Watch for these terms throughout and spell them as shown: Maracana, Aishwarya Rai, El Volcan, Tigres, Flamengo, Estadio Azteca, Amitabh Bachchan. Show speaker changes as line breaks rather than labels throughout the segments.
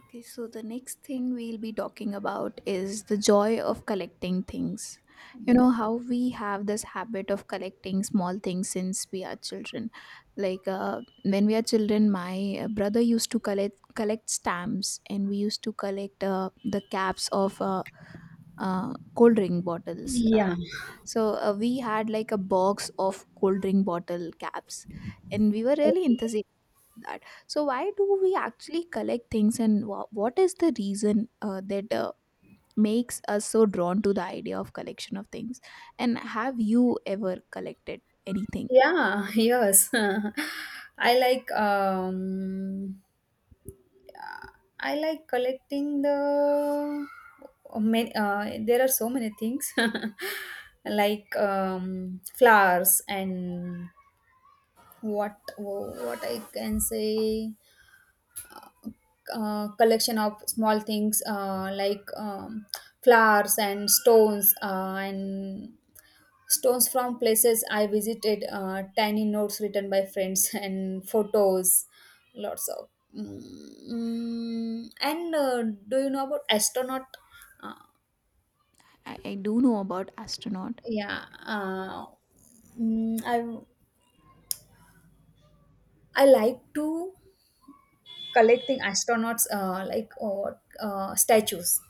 Okay, so the next thing we'll be talking about is the joy of collecting things. You know, how we have this habit of collecting small things since we are children. Like when we are children, my brother used to collect stamps and we used to collect the caps of cold drink bottles.
Yeah.
We had like a box of cold drink bottle caps and we were
Oh,
really enthusiastic that, so why do we actually collect things, and what is the reason that makes us so drawn to the idea of collection of things, and have you ever collected anything?
yeah, yes. I like I like collecting there are so many things. Like flowers and what I can say, collection of small things, flowers and stones, and stones from places I visited, tiny notes written by friends, and photos, lots of mm, and do you know about astronaut? uh,
I do know about astronaut.
yeah. Mm, i I like to collecting astronauts, like or statues.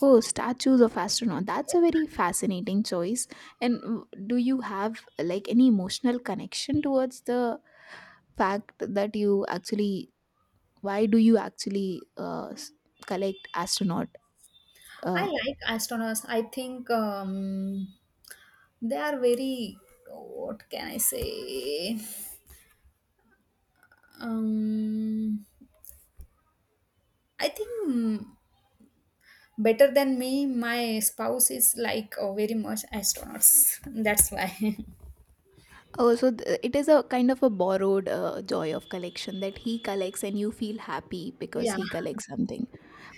Oh, statues of astronaut. That's a very fascinating choice. And do you have like any emotional connection towards the fact that you actually, why do you actually uh, s- collect astronaut?
I
uh,
like astronauts. I think they are very. What can I say? Um, I think mm, Better than me. My spouse is like very much astronauts. That's why.
oh, so it is a kind of a borrowed joy of collection that he collects and you feel happy because
Yeah.
he collects something.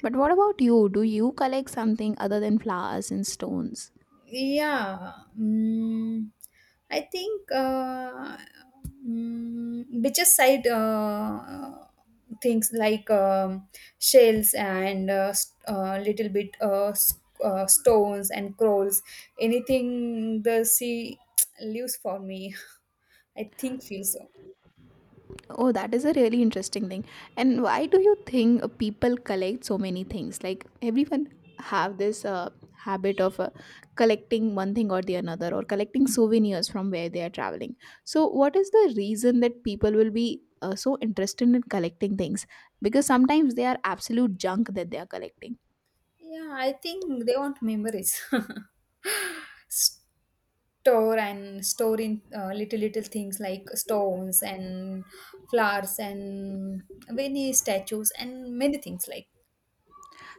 But what about you, do you collect something other than flowers and stones?
Yeah, mm, I think, beaches side, things like shells and little bit stones and corals, anything the sea leaves for me. I think feel so.
Oh, that is a really interesting thing. And why do you think people collect so many things? Like everyone have this habit of collecting one thing or the another, or collecting souvenirs from where they are traveling. So what is the reason that people will be so interested in collecting things? Because sometimes they are absolute junk that they are collecting.
Yeah, I think they want memories. S- Store and store in little things like stones and flowers and many statues and many things like.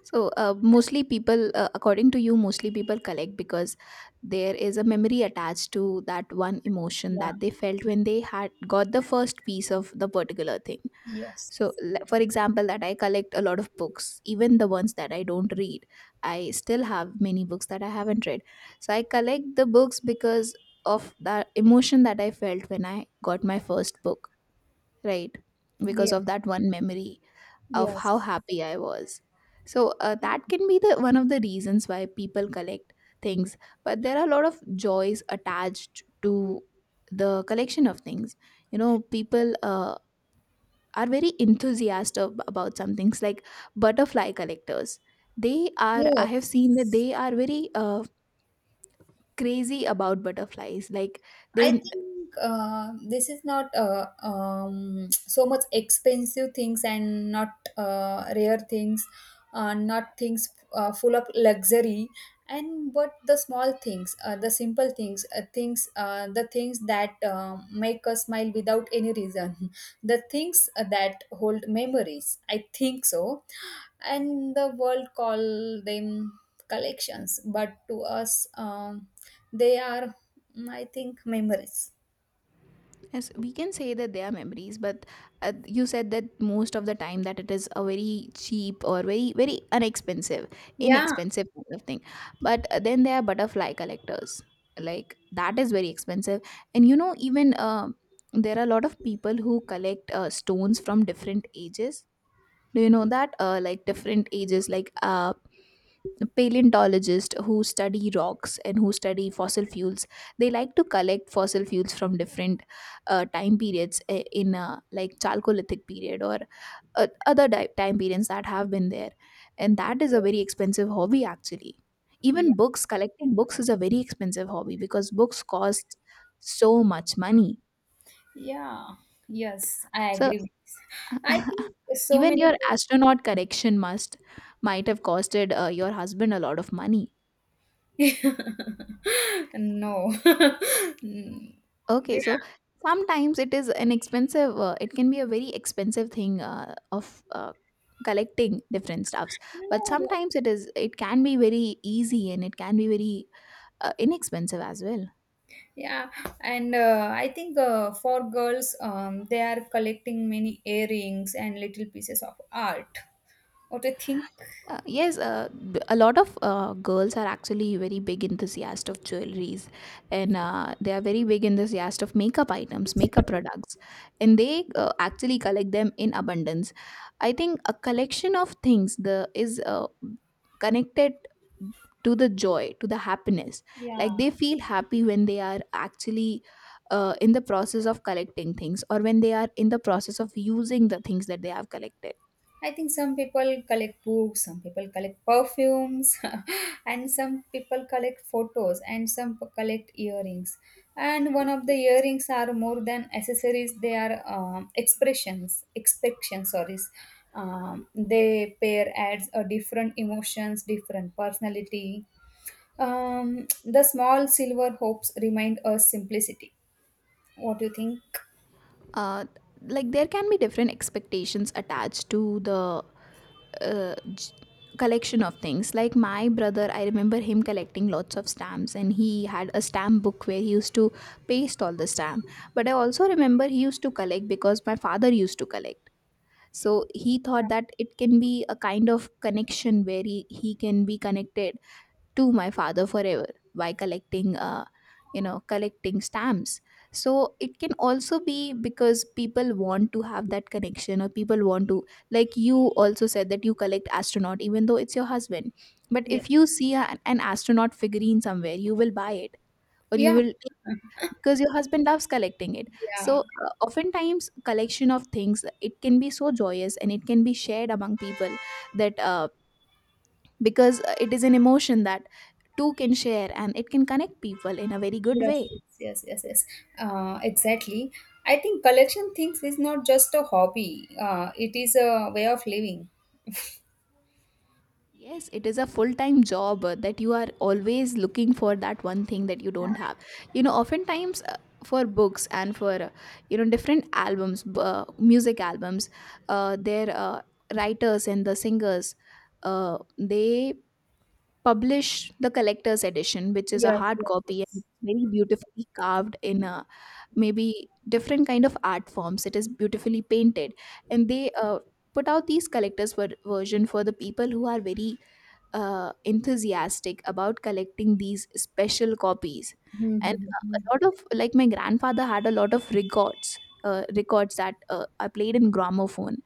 So, mostly people, according to you, mostly people collect because there is a memory attached to that one emotion
Yeah.
that they felt when they had got the first piece of the particular thing.
Yes.
So, for example, that I collect a lot of books, even the ones that I don't read. I still have many books that I haven't read. So, I collect the books because of the emotion that I felt when I got my first book, right? Because
Yeah.
of that one memory of how
Yes.
happy I was. So that can be the one of the reasons why people collect things. But there are a lot of joys attached to the collection of things. You know, people are very enthusiastic about some things like butterfly collectors. They are. I
Yes.
have seen that they are very crazy about butterflies. Like
I
they,
think this is not so much expensive things, and not rare things, not things full of luxury, and but the small things, the simple things, the things that make us smile without any reason, the things that hold memories. I think so, and the world call them collections, but to us they are I think memories.
yes, we can say that they are memories, but you said that most of the time that it is a very cheap or very very unexpensive,
Yeah.
inexpensive kind of thing. But then there are butterfly collectors, like that is very expensive. And you know, even there are a lot of people who collect stones from different ages. Do you know that? Like different ages, like paleontologists who study rocks and who study fossil fuels, they like to collect fossil fuels from different time periods in like chalcolithic period or other di- time periods that have been there, and that is a very expensive hobby actually.
Yeah.
Even books, collecting books is a very expensive hobby because books cost so much money,
Yeah. Yes, I
so
agree with this. I think so
even
many
your astronaut correction must, might have costed your husband a lot of money.
people. No. Mm,
Okay,
yeah.
so sometimes it is an expensive, it can be a very expensive thing of collecting different stuffs, but
No.
sometimes it can be very easy and it can be very inexpensive as well.
Yeah, and I think, for girls, they are collecting many earrings and little pieces of art. What do you think?
Yes, a lot of girls are actually very big enthusiast of jewelries, and they are very big enthusiast of makeup items, makeup products, and they actually collect them in abundance. I think a collection of things the is connected to the joy, to the happiness. Like
Yeah.
they feel happy when they are actually in the process of collecting things, or when they are in the process of using the things that they have collected.
I think some people collect books, some people collect perfumes, and some people collect photos, and some collect earrings. And one of the earrings are more than accessories; they are expressions, expressions. Sorry, they pair adds a different emotions, different personality. The small silver hopes remind us simplicity. What do you think?
uh, like there can be different expectations attached to the uh, j- collection of things. Like my brother, I remember him collecting lots of stamps, and he had a stamp book where he used to paste all the stamp. But I also remember he used to collect because my father used to collect, so he thought that it can be a kind of connection where he can be connected to my father forever by collecting, collecting stamps. So it can also be because people want to have that connection, or people want to, like you also said that you collect astronaut even though it's your husband, but
Yeah.
if you see an astronaut figurine somewhere, you will buy it or you
Yeah,
will, because your husband loves collecting it.
yeah.
So oftentimes collection of things, it can be so joyous and it can be shared among people, that because it is an emotion that two can share, and it can connect people in a very good
Yes,
way.
yes, yes, yes. Yes. Exactly. I think collection things is not just a hobby. It is a way of living.
Yes, it is a full time job that you are always looking for that one thing that you don't
Yeah.
have. You know, oftentimes for books and for, you know, different albums, music albums, their writers and the singers, they publish the collector's edition, which is a
Yes,
hard
yes,
copy, and
yes.
it's very beautifully carved in a, maybe different kind of art forms, it is beautifully painted, and they put out these collectors version for the people who are very enthusiastic about collecting these special copies. And
Mm-hmm.
a lot of, like my grandfather had a lot of records, records that I played in gramophone.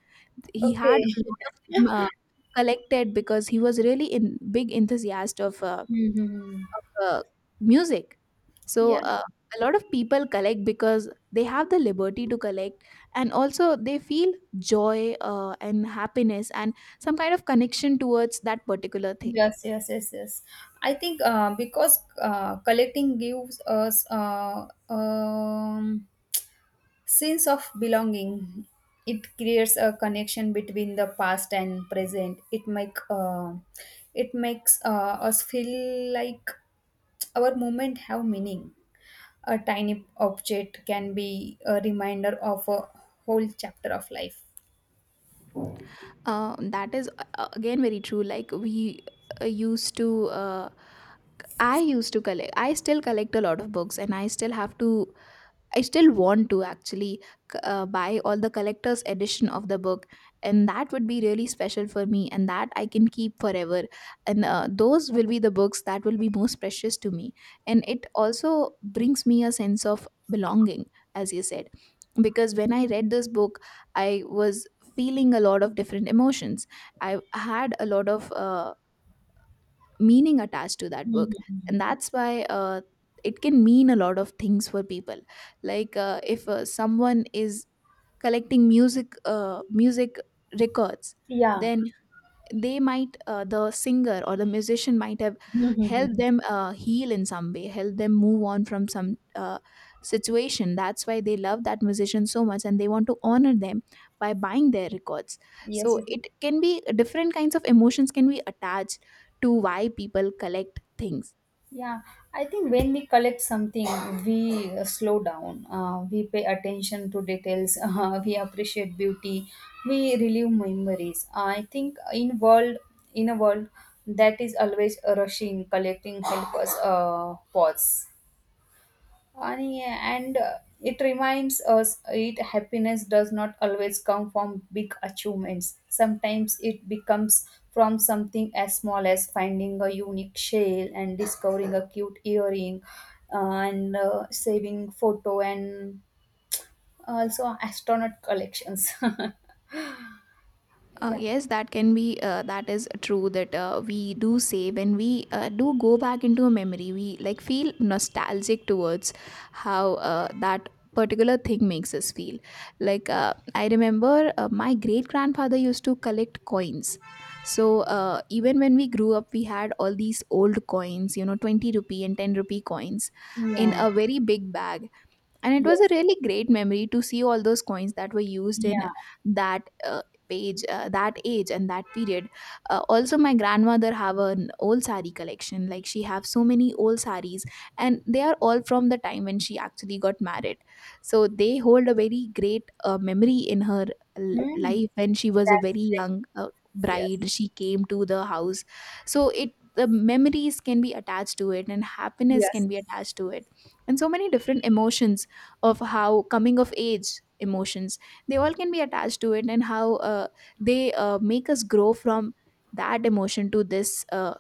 He had
Okay.
a lot of them, collected because he was really in big enthusiast of
Mm-hmm.
of uh, music. So
Yeah.
a lot of people collect because they have the liberty to collect, and also they feel joy and happiness and some kind of connection towards that particular thing.
Yes, yes, yes, yes. I think because collecting gives us um, sense of belonging. It creates a connection between the past and present. It make uh, it makes us feel like our moment have meaning. A tiny object can be a reminder of a whole chapter of life.
That is again very true. Like we uh, used to, uh, I used to collect. I still collect a lot of books, and I still have to, I still want to actually buy all the collector's edition of the book, and that would be really special for me, and that I can keep forever. And those will be the books that will be most precious to me. And it also brings me a sense of belonging, as you said, because when I read this book, I was feeling a lot of different emotions. I had a lot of meaning attached to that book, and that's why it can mean a lot of things for people. Like if someone is collecting music, music records,
Yeah.
then they might, the singer or the musician might have helped them heal in some way, help them move on from some situation, that's why they love that musician so much, and they want to honor them by buying their records.
Yes.
So
Yes.
it can be different kinds of emotions can be attached to why people collect things.
Yeah, I think when we collect something, we slow down. We pay attention to details. We appreciate beauty. We relive memories. I think in world in a world that is always rushing, collecting help us pause. And it reminds us it happiness does not always come from big achievements. Sometimes it becomes from something as small as finding a unique shell and discovering a cute earring, uh, and saving photo, and also astronaut collections. Yeah.
Yes, that can be, that is true that we do say when we do go back into a memory. We like feel nostalgic towards how that particular thing makes us feel. Like, I remember my great grandfather used to collect coins. So, even when we grew up, we had all these old coins, you know, 20 rupee and 10 rupee coins in
Yeah.
a very big bag, and it was a
Yes.
really great memory to see all those coins that were used in
Yeah.
that page that age and that period. Also my grandmother have an old sari collection, like she have so many old saris, and they are all from the time when she actually got married, so they hold a very great memory in her
Hmm.
life when she was a
That's
very young
yes.
bride, she came to the house. So it, the memories can be attached to it, and happiness
Yes.
can be attached to it, and so many different emotions of how, coming of age emotions, they all can be attached to it, and how they make us grow from that emotion to this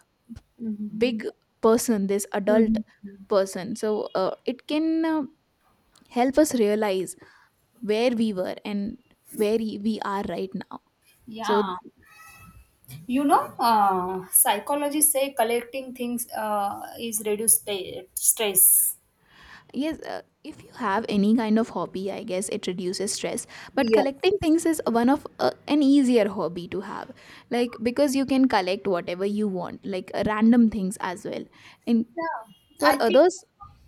Mhm.
big person, this adult
Mhm.
person. So it can help us realize where we were and where we are right now. So
Yeah. You know, psychologists say collecting things is reduce stress.
yes, if you have any kind of hobby, I guess it reduces stress. But
Yes.
collecting things is one of an easier hobby to have, like because you can collect whatever you want, like random things as well. And
Yeah,
for
I think
others,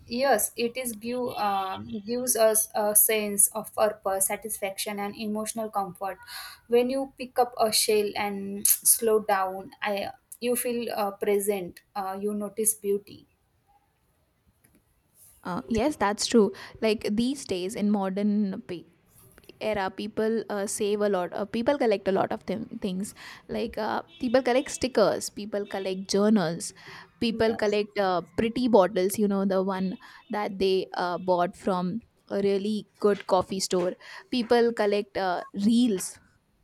yes, it is give gives us a sense of purpose, satisfaction, and emotional comfort. When you pick up a shell and slow down, I you feel present. You notice beauty.
yes, that's true. Like these days in modern era people save a lot, people collect a lot of them things, like people collect stickers, people collect journals, people
Yes.
collect pretty bottles, the one that they bought from a really good coffee store. People collect reels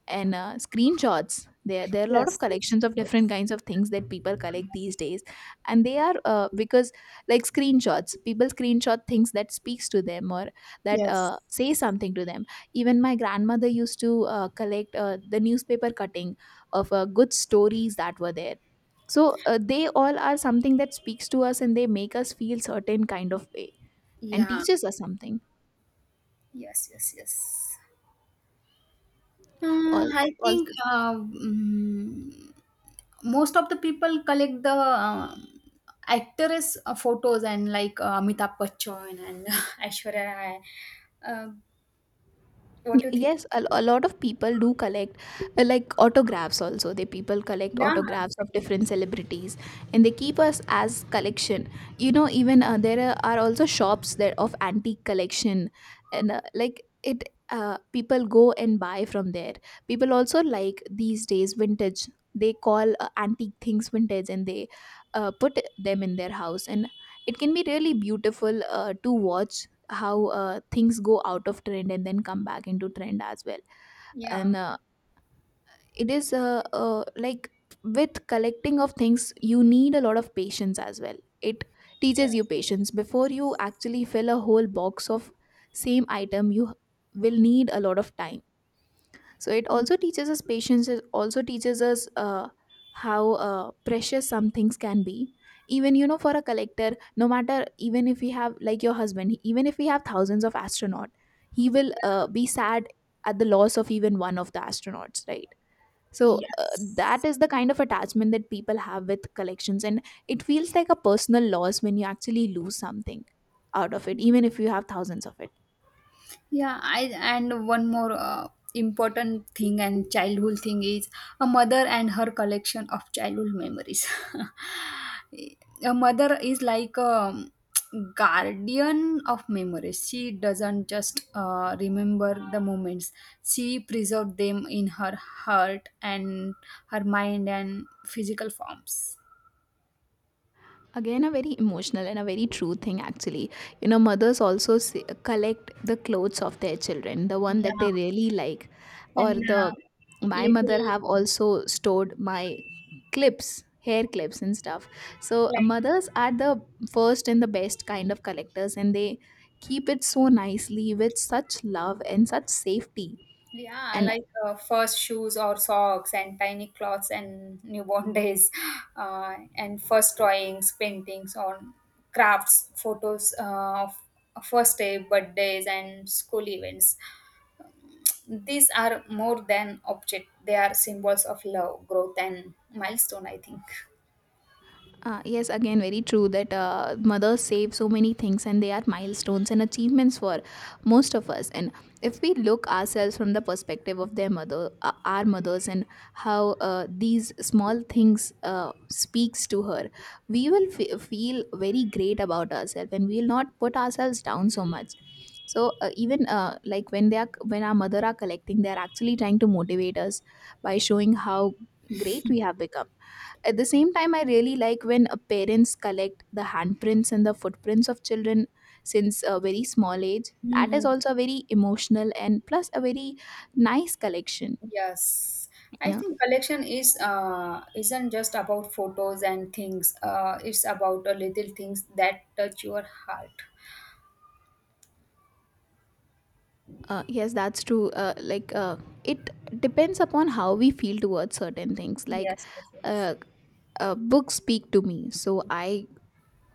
and screenshots. There are a lot of
Yes. Yes. Yes.
collections of different
Yes.
kinds of things that people collect these days, and they are because, like, screenshots, people screenshot things that speaks to them or that
Yes.
say something to them. Even my grandmother used to collect the newspaper cutting of good stories that were there. So they all are something that speaks to us, and they make us feel certain kind of way and
Yeah.
teaches us something
Yes. Yes. Yes.
all.
I think most of the people collect the actress photos, and like Amitabh Bachchan and Aishwarya Rai. Uh, what do you think?
Yes, a lot of people do collect, like, autographs also. They, people, collect
Yeah,
autographs of
same,
different
same.
celebrities and they keep us as collection. You know, even there are also shops that of antique collection. And like, it, people go and buy from there. People also, like, these days vintage, they call antique things vintage, and they put them in their house, and it can be really beautiful to watch how things go out of trend and then come back into trend as well.
Yeah.
And it is, like, with collecting of things you need a lot of patience as well. It teaches you
Yes.
patience before you actually fill a whole box of same item. You will need a lot of time. So it also teaches us patience, it also teaches us how precious some things can be. Even, you know, for a collector, no matter, even if we have, like, your husband, even if we have thousands of astronaut, he will be sad at the loss of even one of the astronauts, right? So that
Yes.
is the kind of attachment that people have with collections. And it feels like a personal loss when you actually lose something out of it, even if you have thousands of it.
Yeah, I, and one more important thing and childhood thing is a mother and her collection of childhood memories. A mother is like a guardian of memories. She doesn't just remember the moments. She preserves them in her heart and her mind and physical forms.
Again, a very emotional and a very true thing actually. You know, mothers also say, collect the clothes of their children, the one
Yeah.
that they really like, or
And
the, my
little
mother have
things
also stored my clips, hair clips, and stuff. So
like.
mothers are the first and the best kind of collectors, and they keep it so nicely with such love and such safety.
Yeah,
And
like first shoes or socks, and tiny clothes, and newborn days, and first drawings, paintings on crafts, photos of first day, birthdays, and school events. These are more than object; they are symbols of love, growth, and milestone. I think.
Yes, again, very true that mothers save so many things, and they are milestones and achievements for most of us. And if we look ourselves from the perspective of their mother, our mothers, and how these small things speaks to her, we will feel very great about ourselves and we will not put ourselves down so much. So even like, when they are, when our mother are collecting, they are actually trying to motivate us by showing how great we have become. At the same time, I really like when parents collect the handprints and the footprints of children since a very small age. That is
Hmm.
also very emotional and plus a very nice collection.
Yes, I
Yeah.
think collection is isn't just about photos and things. It's about little things that touch your heart.
Yes, that's true. Like, it depends upon how we feel towards certain things. Like,
Yes, yes, yes.
uh, books speak to me, so I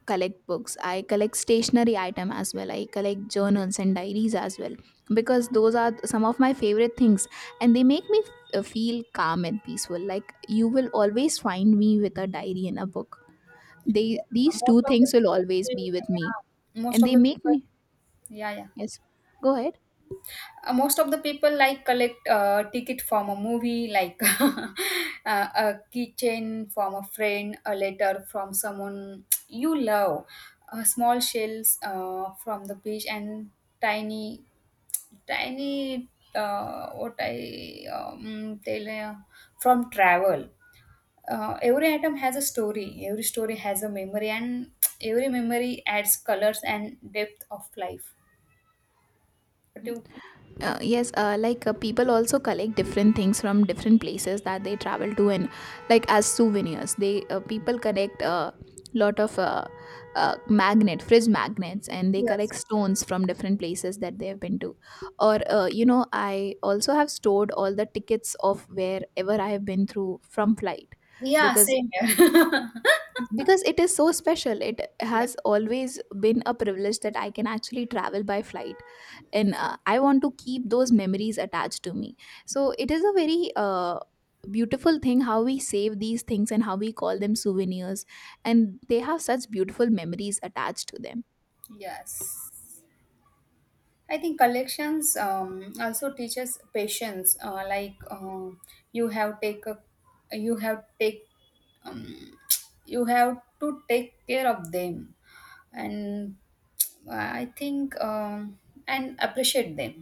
collect books, I collect stationery item as well, I collect journals and diaries as well, because those are some of my favorite things and they make me feel calm and peaceful. Like, you will always find me with a diary and a book. They, these
Most
two
of the
things will
people,
always be with me.
yeah, most
And
of
they
the
make
people,
me,
yeah, yeah.
yes, go ahead.
Most of the people like collect ticket from a movie, like a keychain from a friend, a letter from someone you love, small shells from the beach, and tiny, tiny. What I tell you, from travel. Uh, every item has a story, every story has a memory, and every memory adds colors and depth of life. What do you?
Yes, like, people also collect different things from different places that they travel to, and like as souvenirs, they, people, collect a, lot of, magnet, fridge magnets, and they
Yes.
collect stones
Yes.
from different places that they have been to. Or you know, I also have stored all the tickets of wherever I have been through from flight,
Yeah,
because
same here.
because it is so special. It
Yeah.
has always been a privilege that I can actually travel by flight, and I want to keep those memories attached to me. So it is a very beautiful thing how we save these things and how we call them souvenirs, and they have such beautiful memories attached to them.
Yes. Yes. I think collections also teaches patience, you have take a you have take um, you have to take care of them, and I think and appreciate them,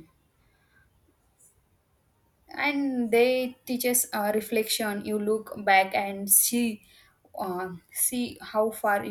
and they teaches reflection. You look back and see see how far